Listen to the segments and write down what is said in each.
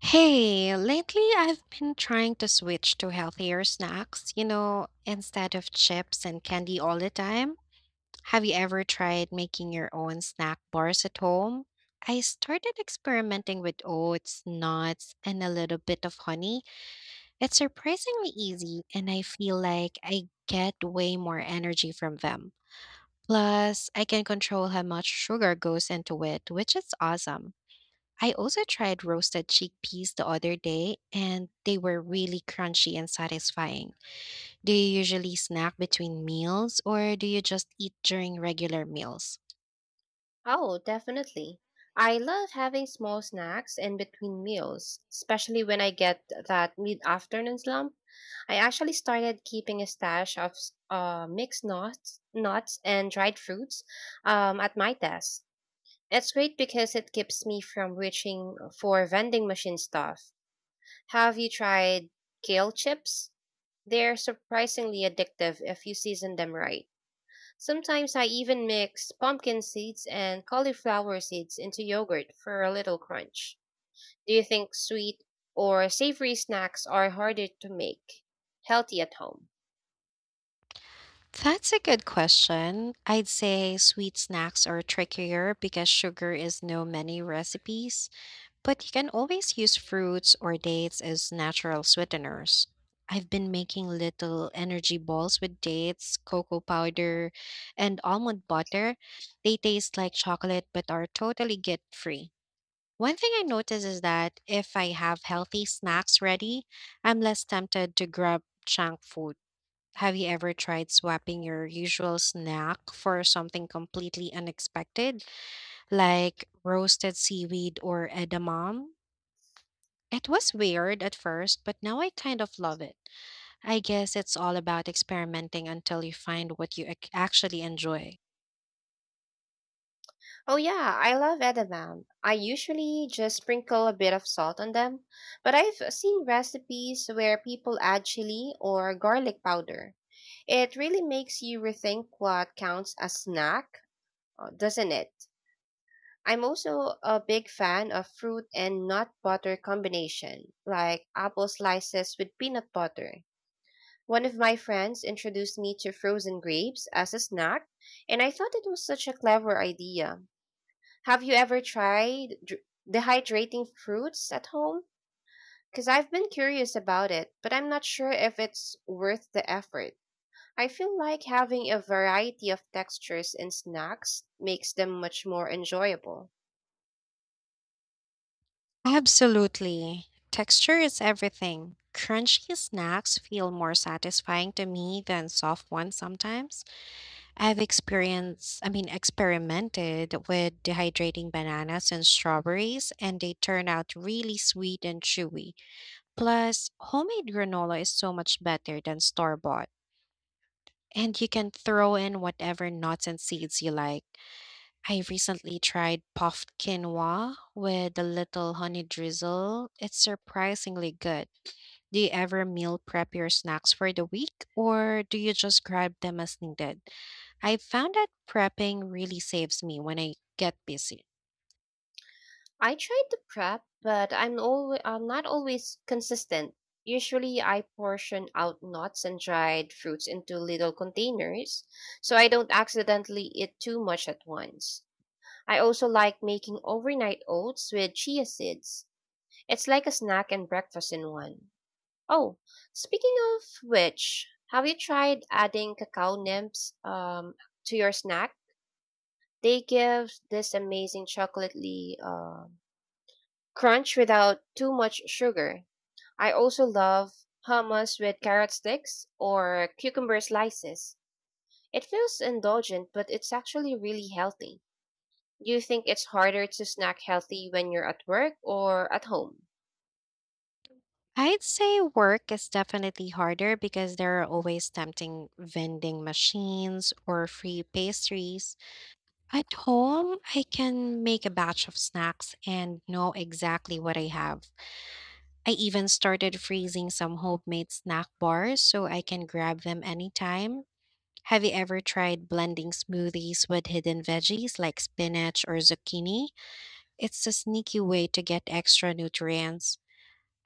Hey, lately I've been trying to switch to healthier snacks, instead of chips and candy all the time. Have you ever tried making your own snack bars at home? I started experimenting with oats, nuts, and a little bit of honey. It's surprisingly easy, and I feel like I get way more energy from them. Plus, I can control how much sugar goes into it, which is awesome. I also tried roasted chickpeas the other day, and they were really crunchy and satisfying. Do you usually snack between meals, or do you just eat during regular meals? Oh, definitely. I love having small snacks in between meals, especially when I get that mid-afternoon slump. I actually started keeping a stash of mixed nuts and dried fruits at my desk. It's great because it keeps me from reaching for vending machine stuff. Have you tried kale chips? They're surprisingly addictive if you season them right. Sometimes I even mix pumpkin seeds and cauliflower seeds into yogurt for a little crunch. Do you think sweet or savory snacks are harder to make healthy at home? That's a good question. I'd say sweet snacks are trickier because sugar is no many recipes. But you can always use fruits or dates as natural sweeteners. I've been making little energy balls with dates, cocoa powder, and almond butter. They taste like chocolate but are totally guilt free. One thing I notice is that if I have healthy snacks ready, I'm less tempted to grab junk food. Have you ever tried swapping your usual snack for something completely unexpected, like roasted seaweed or edamame? It was weird at first, but now I kind of love it. I guess it's all about experimenting until you find what you actually enjoy. Oh yeah, I love edamame. I usually just sprinkle a bit of salt on them, but I've seen recipes where people add chili or garlic powder. It really makes you rethink what counts as snack, doesn't it? I'm also a big fan of fruit and nut butter combination, like apple slices with peanut butter. One of my friends introduced me to frozen grapes as a snack, and I thought it was such a clever idea. Have you ever tried dehydrating fruits at home? Because I've been curious about it, but I'm not sure if it's worth the effort. I feel like having a variety of textures in snacks makes them much more enjoyable. Absolutely. Texture is everything. Crunchy snacks feel more satisfying to me than soft ones sometimes. I've experienced, I mean, experimented with dehydrating bananas and strawberries, and they turn out really sweet and chewy. Plus, homemade granola is so much better than store bought. And you can throw in whatever nuts and seeds you like. I recently tried puffed quinoa with a little honey drizzle. It's surprisingly good. Do you ever meal prep your snacks for the week or do you just grab them as needed? I found that prepping really saves me when I get busy. I try to prep, but I'm not always consistent. Usually I portion out nuts and dried fruits into little containers so I don't accidentally eat too much at once. I also like making overnight oats with chia seeds. It's like a snack and breakfast in one. Oh, speaking of which, have you tried adding cacao nibs to your snack? They give this amazing chocolatey crunch without too much sugar. I also love hummus with carrot sticks or cucumber slices. It feels indulgent, but it's actually really healthy. Do you think it's harder to snack healthy when you're at work or at home? I'd say work is definitely harder because there are always tempting vending machines or free pastries. At home, I can make a batch of snacks and know exactly what I have. I even started freezing some homemade snack bars so I can grab them anytime. Have you ever tried blending smoothies with hidden veggies like spinach or zucchini? It's a sneaky way to get extra nutrients.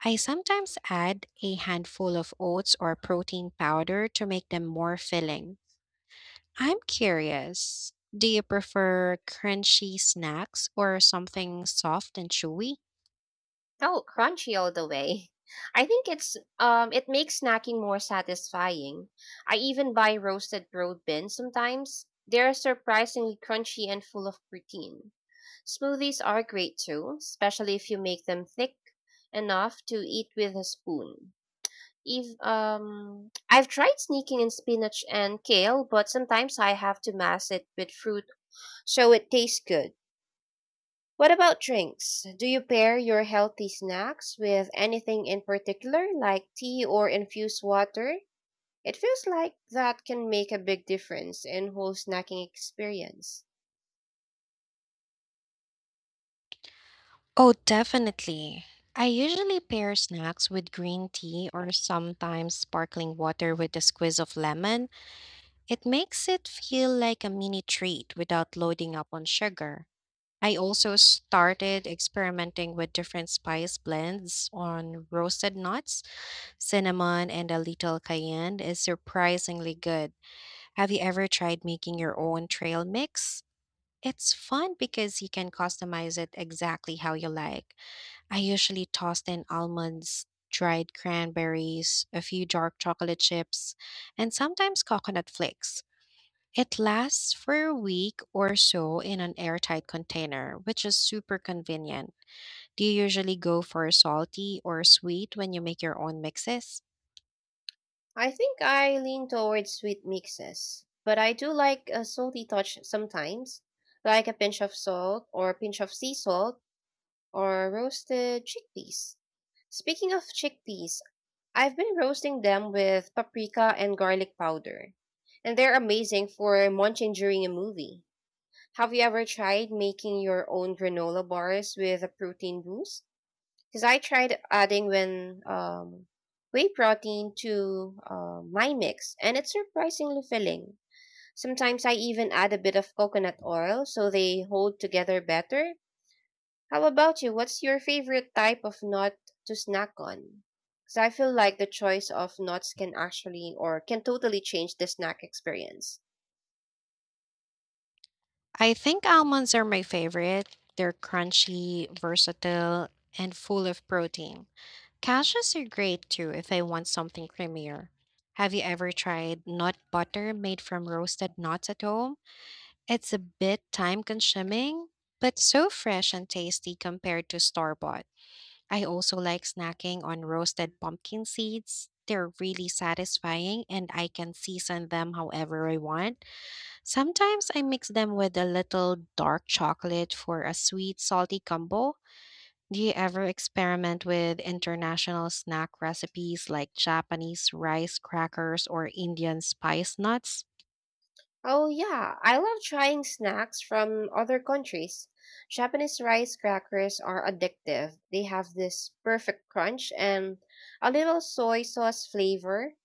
I sometimes add a handful of oats or protein powder to make them more filling. I'm curious, do you prefer crunchy snacks or something soft and chewy? Oh, crunchy all the way. I think it's it makes snacking more satisfying. I even buy roasted broad bins sometimes. They're surprisingly crunchy and full of protein. Smoothies are great too, especially if you make them thick enough to eat with a spoon. If I've tried sneaking in spinach and kale, but sometimes I have to mash it with fruit so it tastes good. What about drinks? Do you pair your healthy snacks with anything in particular, like tea or infused water? It feels like that can make a big difference in whole snacking experience. Oh, definitely. I usually pair snacks with green tea or sometimes sparkling water with a squeeze of lemon. It makes it feel like a mini treat without loading up on sugar. I also started experimenting with different spice blends on roasted nuts, cinnamon, and a little cayenne is surprisingly good. Have you ever tried making your own trail mix? It's fun because you can customize it exactly how you like. I usually toss in almonds, dried cranberries, a few dark chocolate chips, and sometimes coconut flakes. It lasts for a week or so in an airtight container, which is super convenient. Do you usually go for salty or sweet when you make your own mixes? I think I lean towards sweet mixes, but I do like a salty touch sometimes, like a pinch of salt or a pinch of sea salt or roasted chickpeas. Speaking of chickpeas, I've been roasting them with paprika and garlic powder, and they're amazing for munching during a movie. Have you ever tried making your own granola bars with a protein boost? Because I tried adding when whey protein to my mix, and it's surprisingly filling. Sometimes I even add a bit of coconut oil so they hold together better. How about you? What's your favorite type of nut to snack on? Because I feel like the choice of nuts can actually or can totally change the snack experience. I think almonds are my favorite. They're crunchy, versatile, and full of protein. Cashews are great too if I want something creamier. Have you ever tried nut butter made from roasted nuts at home? It's a bit time consuming, but so fresh and tasty compared to store bought. I also like snacking on roasted pumpkin seeds. They're really satisfying and I can season them however I want. Sometimes I mix them with a little dark chocolate for a sweet, salty combo. Do you ever experiment with international snack recipes like Japanese rice crackers or Indian spice nuts? Oh, yeah, I love trying snacks from other countries. Japanese rice crackers are addictive. They have this perfect crunch and a little soy sauce flavor.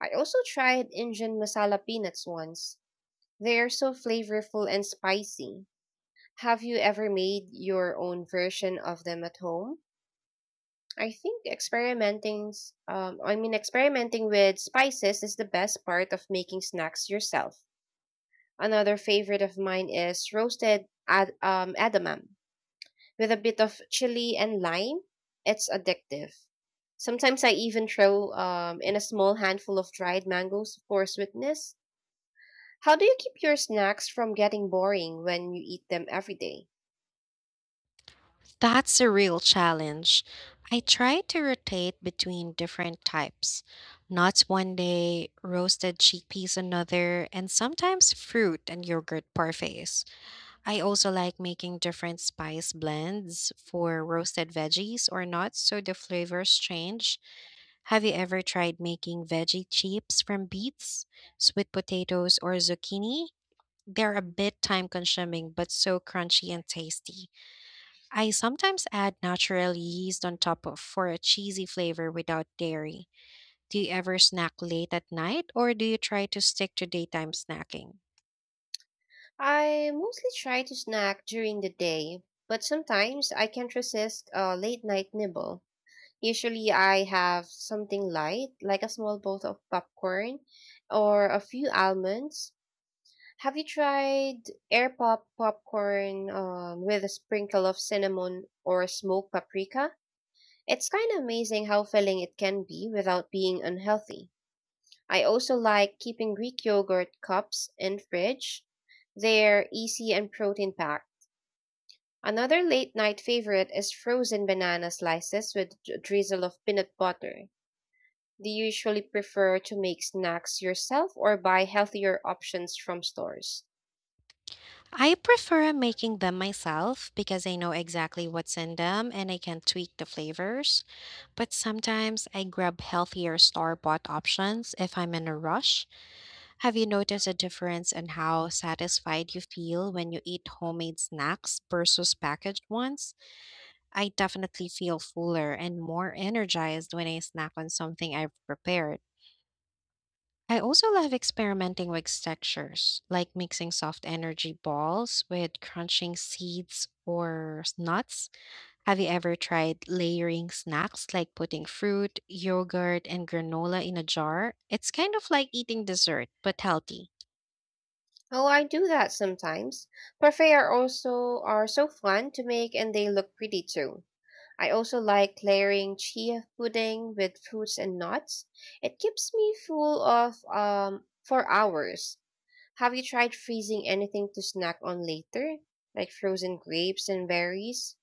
I also tried Indian masala peanuts once. They are so flavorful and spicy. Have you ever made your own version of them at home? I think experimenting, s- I mean, experimenting with spices is the best part of making snacks yourself. Another favorite of mine is roasted edamame with a bit of chili and lime. It's addictive. Sometimes I even throw in a small handful of dried mangoes for sweetness. How do you keep your snacks from getting boring when you eat them every day? That's a real challenge. I try to rotate between different types. Nuts one day, roasted chickpeas another, and sometimes fruit and yogurt parfaits. I also like making different spice blends for roasted veggies or nuts so the flavors change. Have you ever tried making veggie chips from beets, sweet potatoes, or zucchini? They're a bit time consuming but so crunchy and tasty. I sometimes add natural yeast on top of for a cheesy flavor without dairy. Do you ever snack late at night or do you try to stick to daytime snacking? I mostly try to snack during the day, but sometimes I can't resist a late night nibble. Usually I have something light, like a small bowl of popcorn or a few almonds. Have you tried air pop popcorn with a sprinkle of cinnamon or smoked paprika? It's kind of amazing how filling it can be without being unhealthy. I also like keeping Greek yogurt cups in fridge. They're easy and protein packed. Another late night favorite is frozen banana slices with a drizzle of peanut butter. Do you usually prefer to make snacks yourself or buy healthier options from stores? I prefer making them myself because I know exactly what's in them and I can tweak the flavors. But sometimes I grab healthier store bought options if I'm in a rush. Have you noticed a difference in how satisfied you feel when you eat homemade snacks versus packaged ones? I definitely feel fuller and more energized when I snack on something I've prepared. I also love experimenting with textures, like mixing soft energy balls with crunching seeds or nuts. Have you ever tried layering snacks like putting fruit, yogurt, and granola in a jar? It's kind of like eating dessert, but healthy. Oh, I do that sometimes. Parfait are so fun to make and they look pretty too. I also like layering chia pudding with fruits and nuts. It keeps me full of for hours. Have you tried freezing anything to snack on later? Like frozen grapes and berries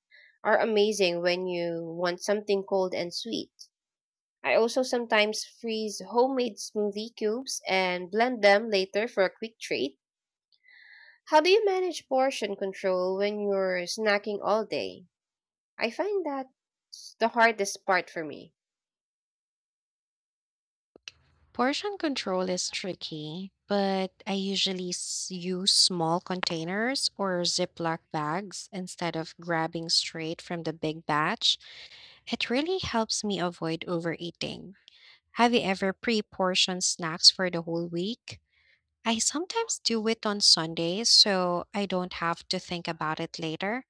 are amazing when you want something cold and sweet. I also sometimes freeze homemade smoothie cubes and blend them later for a quick treat. How do you manage portion control when you're snacking all day? I find that's the hardest part for me. Portion control is tricky, but I usually use small containers or Ziploc bags instead of grabbing straight from the big batch. It really helps me avoid overeating. Have you ever pre portioned snacks for the whole week? I sometimes do it on Sundays so I don't have to think about it later.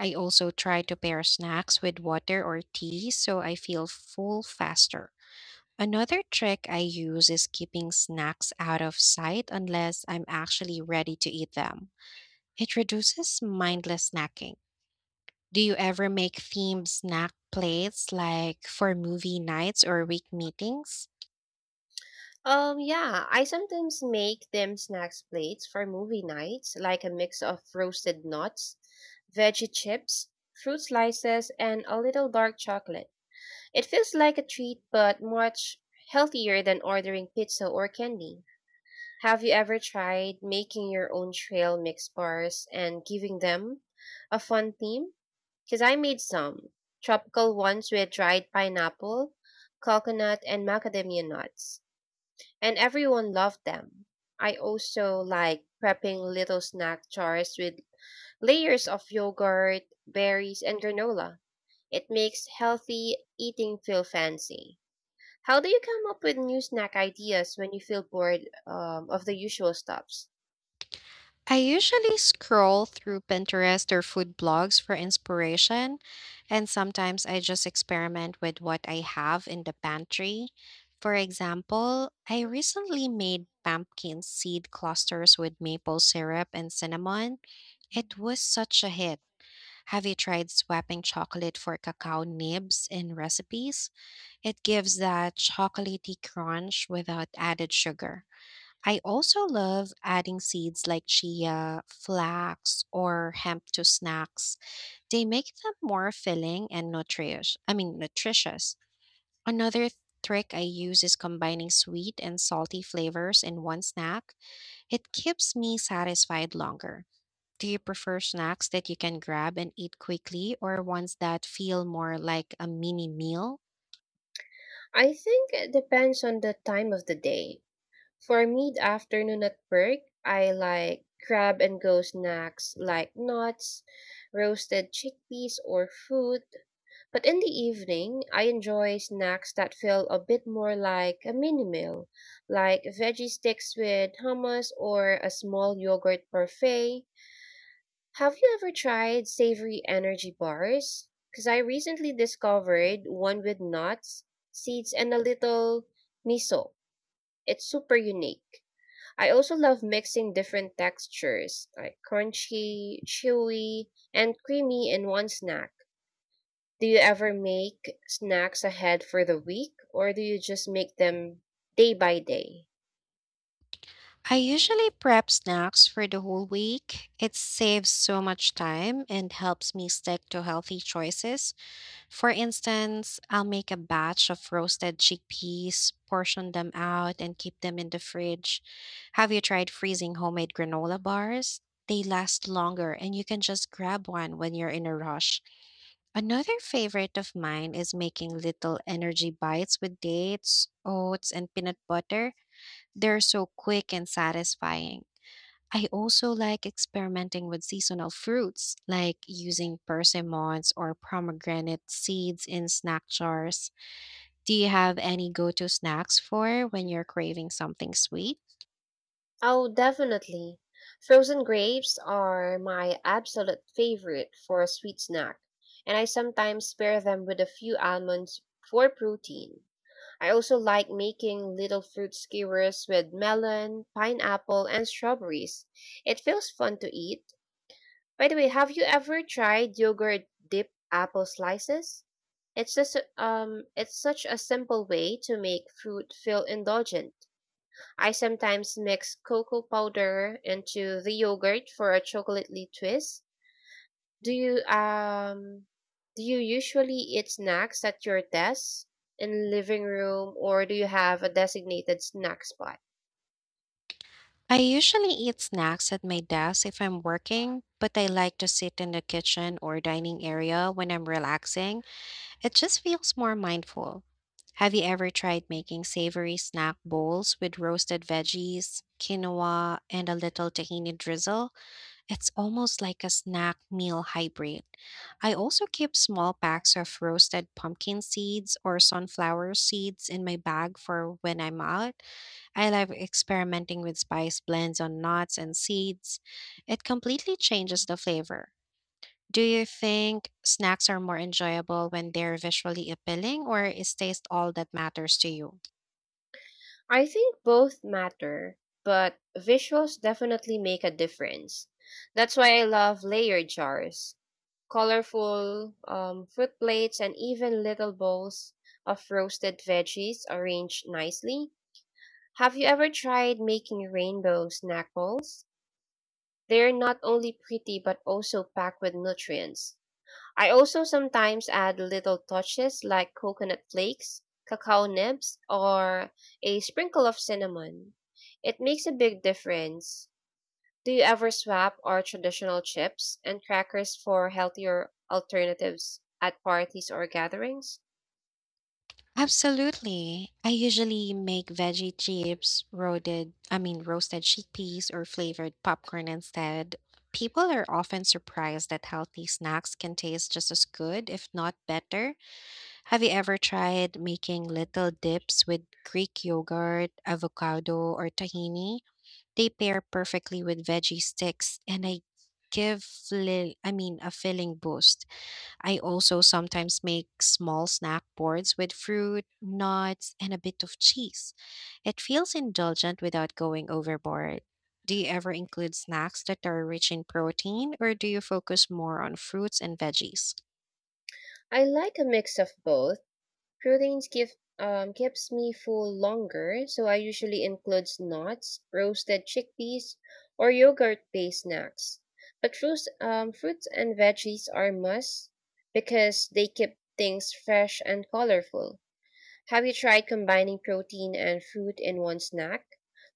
I also try to pair snacks with water or tea so I feel full faster. Another trick I use is keeping snacks out of sight unless I'm actually ready to eat them. It reduces mindless snacking. Do you ever make themed snack plates like for movie nights or week meetings? Yeah, I sometimes make them snacks plates for movie nights, like a mix of roasted nuts, veggie chips, fruit slices, and a little dark chocolate. It feels like a treat, but much healthier than ordering pizza or candy. Have you ever tried making your own trail mix bars and giving them a fun theme? Because I made some tropical ones with dried pineapple, coconut, and macadamia nuts, and everyone loved them. I also like prepping little snack jars with layers of yogurt, berries, and granola. It makes healthy eating feel fancy. How do you come up with new snack ideas when you feel bored of the usual stops? I usually scroll through Pinterest or food blogs for inspiration, and sometimes I just experiment with what I have in the pantry. For example, I recently made pumpkin seed clusters with maple syrup and cinnamon. It was such a hit. Have you tried swapping chocolate for cacao nibs in recipes? It gives that chocolatey crunch without added sugar. I also love adding seeds like chia, flax, or hemp to snacks. They make them more filling and nutritious. Another trick I use is combining sweet and salty flavors in one snack. It keeps me satisfied longer. Do you prefer snacks that you can grab and eat quickly, or ones that feel more like a mini meal? I think it depends on the time of the day. For mid afternoon at work, I like grab and go snacks like nuts, roasted chickpeas, or fruit. But in the evening, I enjoy snacks that feel a bit more like a mini meal, like veggie sticks with hummus or a small yogurt parfait. Have you ever tried savory energy bars? Because I recently discovered one with nuts, seeds, and a little miso. It's super unique. I also love mixing different textures, like crunchy, chewy, and creamy in one snack. Do you ever make snacks ahead for the week, or do you just make them day by day? I usually prep snacks for the whole week. It saves so much time and helps me stick to healthy choices. For instance, I'll make a batch of roasted chickpeas, portion them out, and keep them in the fridge. Have you tried freezing homemade granola bars? They last longer and you can just grab one when you're in a rush. Another favorite of mine is making little energy bites with dates, oats, and peanut butter. They're so quick and satisfying. I also like experimenting with seasonal fruits, like using persimmons or pomegranate seeds in snack jars. Do you have any go to snacks for when you're craving something sweet? Oh, definitely. Frozen grapes are my absolute favorite for a sweet snack, and I sometimes pair them with a few almonds for protein. I also like making little fruit skewers with melon, pineapple, and strawberries. It feels fun to eat. By the way, have you ever tried yogurt dipped apple slices? It's just it's such a simple way to make food feel indulgent. I sometimes mix cocoa powder into the yogurt for a chocolatey twist. Do you um do you usually eat snacks at your desk in living room or do you have a designated snack spot? I usually eat snacks at my desk if I'm working, but I like to sit in the kitchen or dining area when I'm relaxing. It just feels more mindful. Have you ever tried making savory snack bowls with roasted veggies, quinoa, and a little tahini drizzle? It's almost like a snack meal hybrid. I also keep small packs of roasted pumpkin seeds or sunflower seeds in my bag for when I'm out. I love experimenting with spice blends on nuts and seeds. It completely changes the flavor. Do you think snacks are more enjoyable when they're visually appealing, or is taste all that matters to you? I think both matter, but visuals definitely make a difference. That's why I love layer jars, colorful fruit plates, and even little bowls of roasted veggies arranged nicely. Have you ever tried making rainbow snack bowls? They're not only pretty but also packed with nutrients. I also sometimes add little touches like coconut flakes, cacao nibs, or a sprinkle of cinnamon. It makes a big difference. Do you ever swap our traditional chips and crackers for healthier alternatives at parties or gatherings? Absolutely. I usually make veggie chips, roasted, I mean roasted chickpeas or flavored popcorn instead. People are often surprised that healthy snacks can taste just as good, if not better. Have you ever tried making little dips with Greek yogurt, avocado, or tahini? They pair perfectly with veggie sticks and I give fli- I mean a filling boost. I also sometimes make small snack boards with fruit, nuts, and a bit of cheese. It feels indulgent without going overboard. Do you ever include snacks that are rich in protein, or do you focus more on fruits and veggies? I like a mix of both. Proteins give keeps me full longer, so I usually includes nuts, roasted chickpeas, or yogurt-based snacks. But fruits, fruits and veggies are must because they keep things fresh and colorful. Have you tried combining protein and fruit in one snack,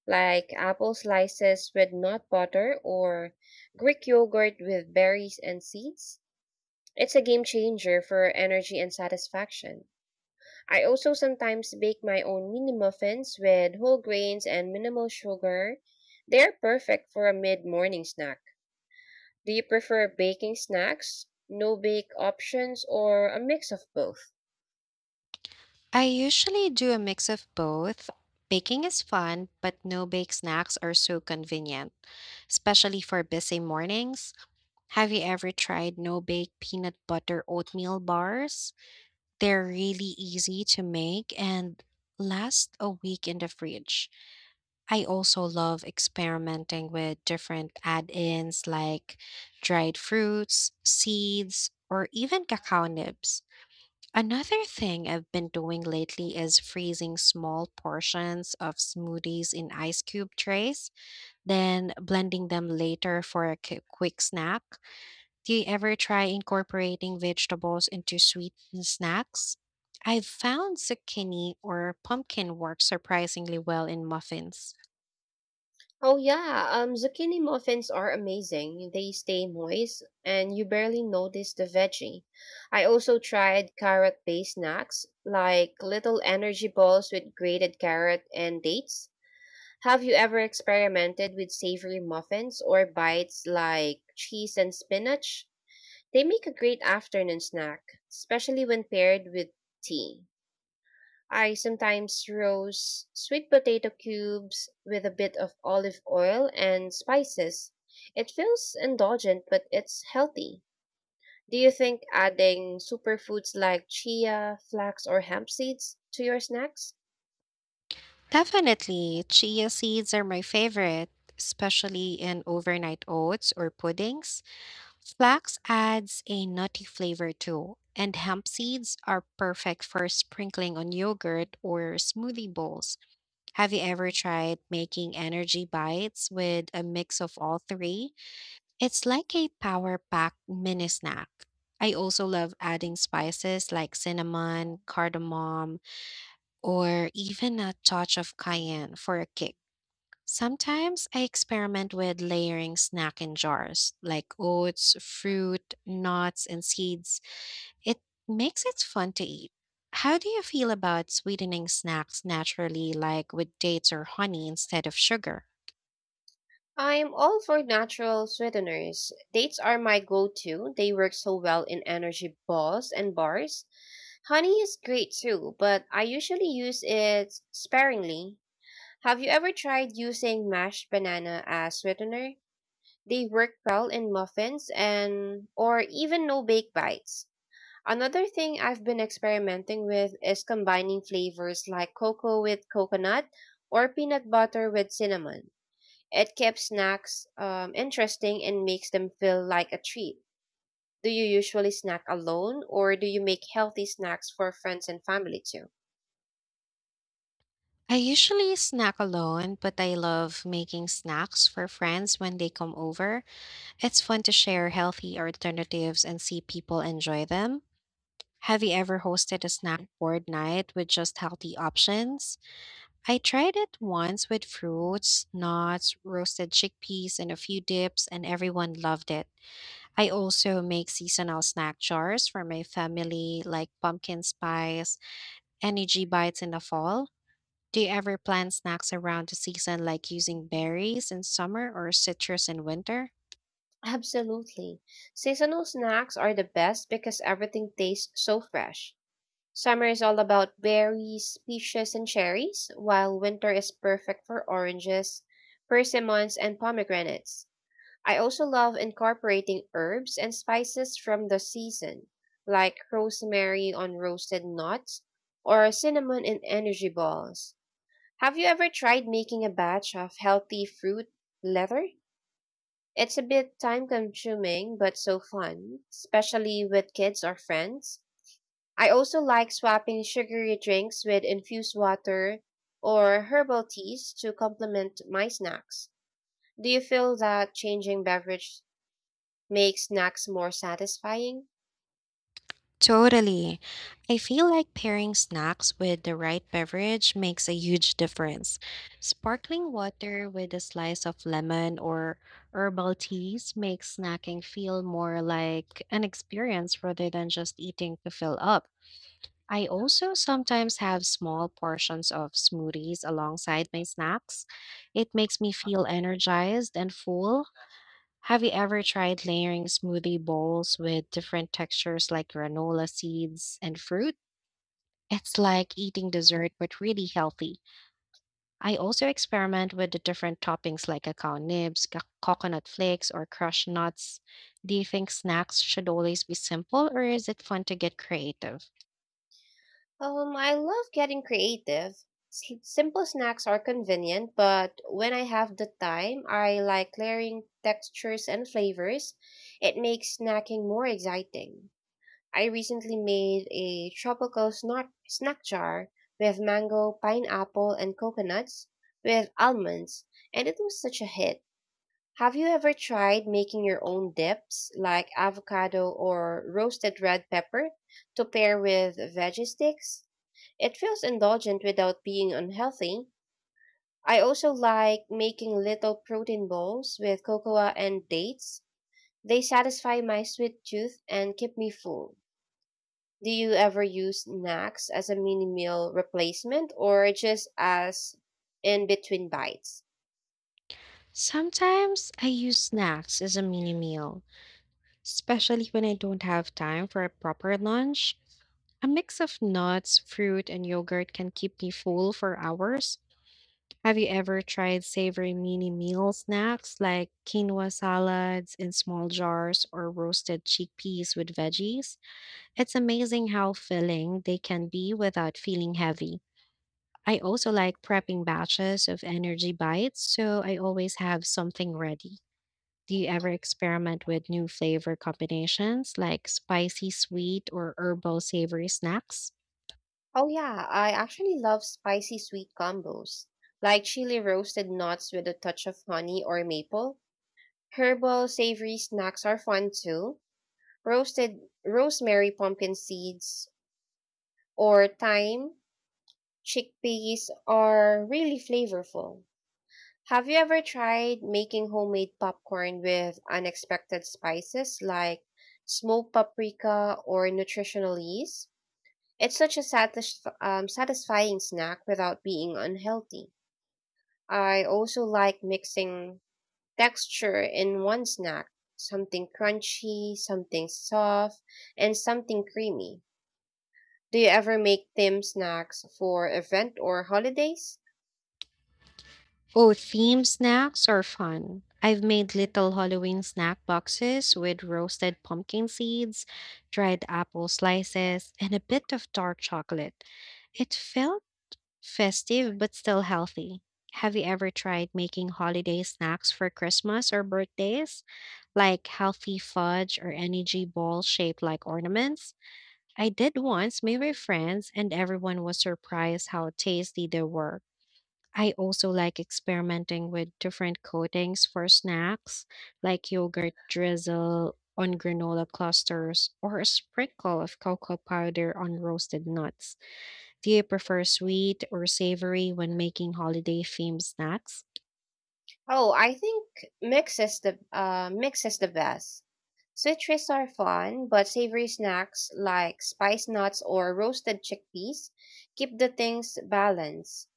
like apple slices with nut butter or Greek yogurt with berries and seeds? It's a game changer for energy and satisfaction. I also sometimes bake my own mini muffins with whole grains and minimal sugar. They are perfect for a mid morning snack. Do you prefer baking snacks, no bake options, or a mix of both? I usually do a mix of both. Baking is fun, but no bake snacks are so convenient, especially for busy mornings. Have you ever tried no bake peanut butter oatmeal bars? They're really easy to make and last a week in the fridge. I also love experimenting with different add ins like dried fruits, seeds, or even cacao nibs. Another thing I've been doing lately is freezing small portions of smoothies in ice cube trays, then blending them later for a quick snack. Do you ever try incorporating vegetables into sweetened snacks? I've found zucchini or pumpkin work surprisingly well in muffins. Oh, yeah, zucchini muffins are amazing. They stay moist and you barely notice the veggie. I also tried carrot based snacks like little energy balls with grated carrot and dates. Have you ever experimented with savory muffins or bites like cheese and spinach? They make a great afternoon snack, especially when paired with tea. I sometimes roast sweet potato cubes with a bit of olive oil and spices. It feels indulgent, but it's healthy. Do you think adding superfoods like chia, flax, or hemp seeds to your snacks? Definitely, chia seeds are my favorite, especially in overnight oats or puddings. Flax adds a nutty flavor too, and hemp seeds are perfect for sprinkling on yogurt or smoothie bowls. Have you ever tried making energy bites with a mix of all three? It's like a power packed mini snack. I also love adding spices like cinnamon, cardamom, or even a touch of cayenne for a kick. Sometimes I experiment with layering snack in jars like oats, fruit, nuts, and seeds. It makes it fun to eat. How do you feel about sweetening snacks naturally, like with dates or honey instead of sugar? I'm all for natural sweeteners. Dates are my go to. They work so well in energy balls and bars. Honey is great too, but I usually use it sparingly. Have you ever tried using mashed banana as sweetener? They work well in muffins and or even no bake bites. Another thing I've been experimenting with is combining flavors like cocoa with coconut or peanut butter with cinnamon. It keeps snacks interesting and makes them feel like a treat. Do you usually snack alone or do you make healthy snacks for friends and family too? I usually snack alone, but I love making snacks for friends when they come over. It's fun to share healthy alternatives and see people enjoy them. Have you ever hosted a snack board night with just healthy options? I tried it once with fruits, nuts, roasted chickpeas, and a few dips, and everyone loved it. I also make seasonal snack jars for my family, like pumpkin spice, energy bites in the fall. Do you ever plan snacks around the season, like using berries in summer or citrus in winter? Absolutely. Seasonal snacks are the best because everything tastes so fresh. Summer is all about berries, peaches, and cherries, while winter is perfect for oranges, persimmons, and pomegranates. I also love incorporating herbs and spices from the season, like rosemary on roasted nuts or cinnamon in energy balls. Have you ever tried making a batch of healthy fruit leather? It's a bit time consuming, but so fun, especially with kids or friends. I also like swapping sugary drinks with infused water or herbal teas to complement my snacks. Do you feel that changing beverage make snacks more satisfying? Totally. I feel like pairing snacks with the right beverage makes a huge difference. Sparkling water with a slice of lemon or herbal teas makes snacking feel more like an experience rather than just eating to fill up. I also sometimes have small portions of smoothies alongside my snacks. It makes me feel energized and full. Have you ever tried layering smoothie bowls with different textures like granola seeds and fruit? It's like eating dessert but really healthy. I also experiment with the different toppings like cacao nibs, coconut flakes, or crushed nuts. Do you think snacks should always be simple or is it fun to get creative? I love getting creative. Simple snacks are convenient, but when I have the time, I like layering textures and flavors. It makes snacking more exciting. I recently made a tropical snack jar with mango, pineapple, and coconuts with almonds, and it was such a hit. Have you ever tried making your own dips, like avocado or roasted red pepper, to pair with veggie sticks? It feels indulgent without being unhealthy. I also like making little protein bowls with cocoa and dates. They satisfy my sweet tooth and keep me full. Do you ever use snacks as a mini meal replacement or just as in between bites? Sometimes I use snacks as a mini meal, especially when I don't have time for a proper lunch. A mix of nuts, fruit, and yogurt can keep me full for hours. Have you ever tried savory mini meal snacks like quinoa salads in small jars or roasted chickpeas with veggies? It's amazing how filling they can be without feeling heavy. I also like prepping batches of energy bites, so I always have something ready. Do you ever experiment with new flavor combinations like spicy, sweet, or herbal savory snacks? Oh yeah, I actually love spicy sweet combos, like chili roasted nuts with a touch of honey or maple. Herbal savory snacks are fun too. Roasted rosemary pumpkin seeds or thyme, chickpeas are really flavorful. Have you ever tried making homemade popcorn with unexpected spices like smoked paprika or nutritional yeast? It's such a satisfying snack without being unhealthy. I also like mixing texture in one snack, something crunchy, something soft, and something creamy. Do you ever make thin snacks for event or holidays? Oh, theme snacks are fun. I've made little Halloween snack boxes with roasted pumpkin seeds, dried apple slices, and a bit of dark chocolate. It felt festive but still healthy. Have you ever tried making holiday snacks for Christmas or birthdays, like healthy fudge or energy ball shaped like ornaments? I did once, made my friends, and everyone was surprised how tasty they were. I also like experimenting with different coatings for snacks, like yogurt drizzle on granola clusters or a sprinkle of cocoa powder on roasted nuts. Do you prefer sweet or savory when making holiday themed snacks? Oh, I think mix is the best. Sweet treats are fun, but savory snacks like spice nuts or roasted chickpeas keep the things balanced.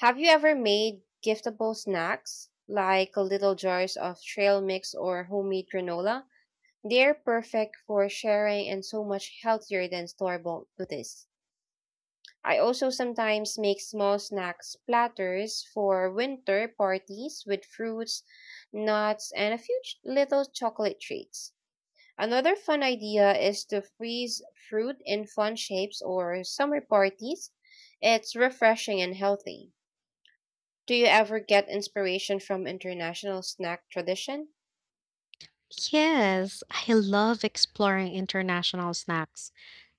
Have you ever made giftable snacks like little jars of trail mix or homemade granola? They're perfect for sharing and so much healthier than store-bought goodies. I also sometimes make small snacks platters for winter parties with fruits, nuts, and a few little chocolate treats. Another fun idea is to freeze fruit in fun shapes or summer parties. It's refreshing and healthy. Do you ever get inspiration from international snack tradition? Yes, I love exploring international snacks.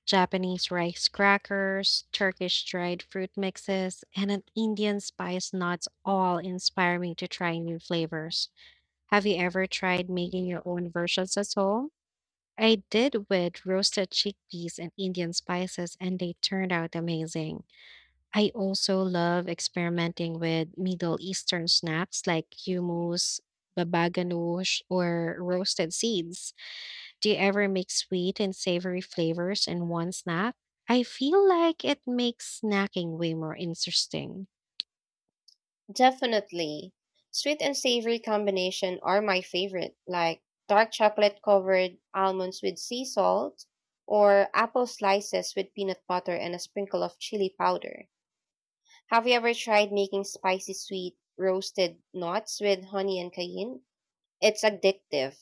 Japanese rice crackers, Turkish dried fruit mixes, and an Indian spice nuts all inspire me to try new flavors. Have you ever tried making your own versions at home? I did with roasted chickpeas and Indian spices, and they turned out amazing. I also love experimenting with Middle Eastern snacks like hummus, baba or roasted seeds. Do you ever mix sweet and savory flavors in one snack? I feel like it makes snacking way more interesting. Definitely. Sweet and savory combination are my favorite, like dark chocolate covered almonds with sea salt or apple slices with peanut butter and a sprinkle of chili powder. Have you ever tried making spicy sweet roasted nuts with honey and cayenne? It's addictive.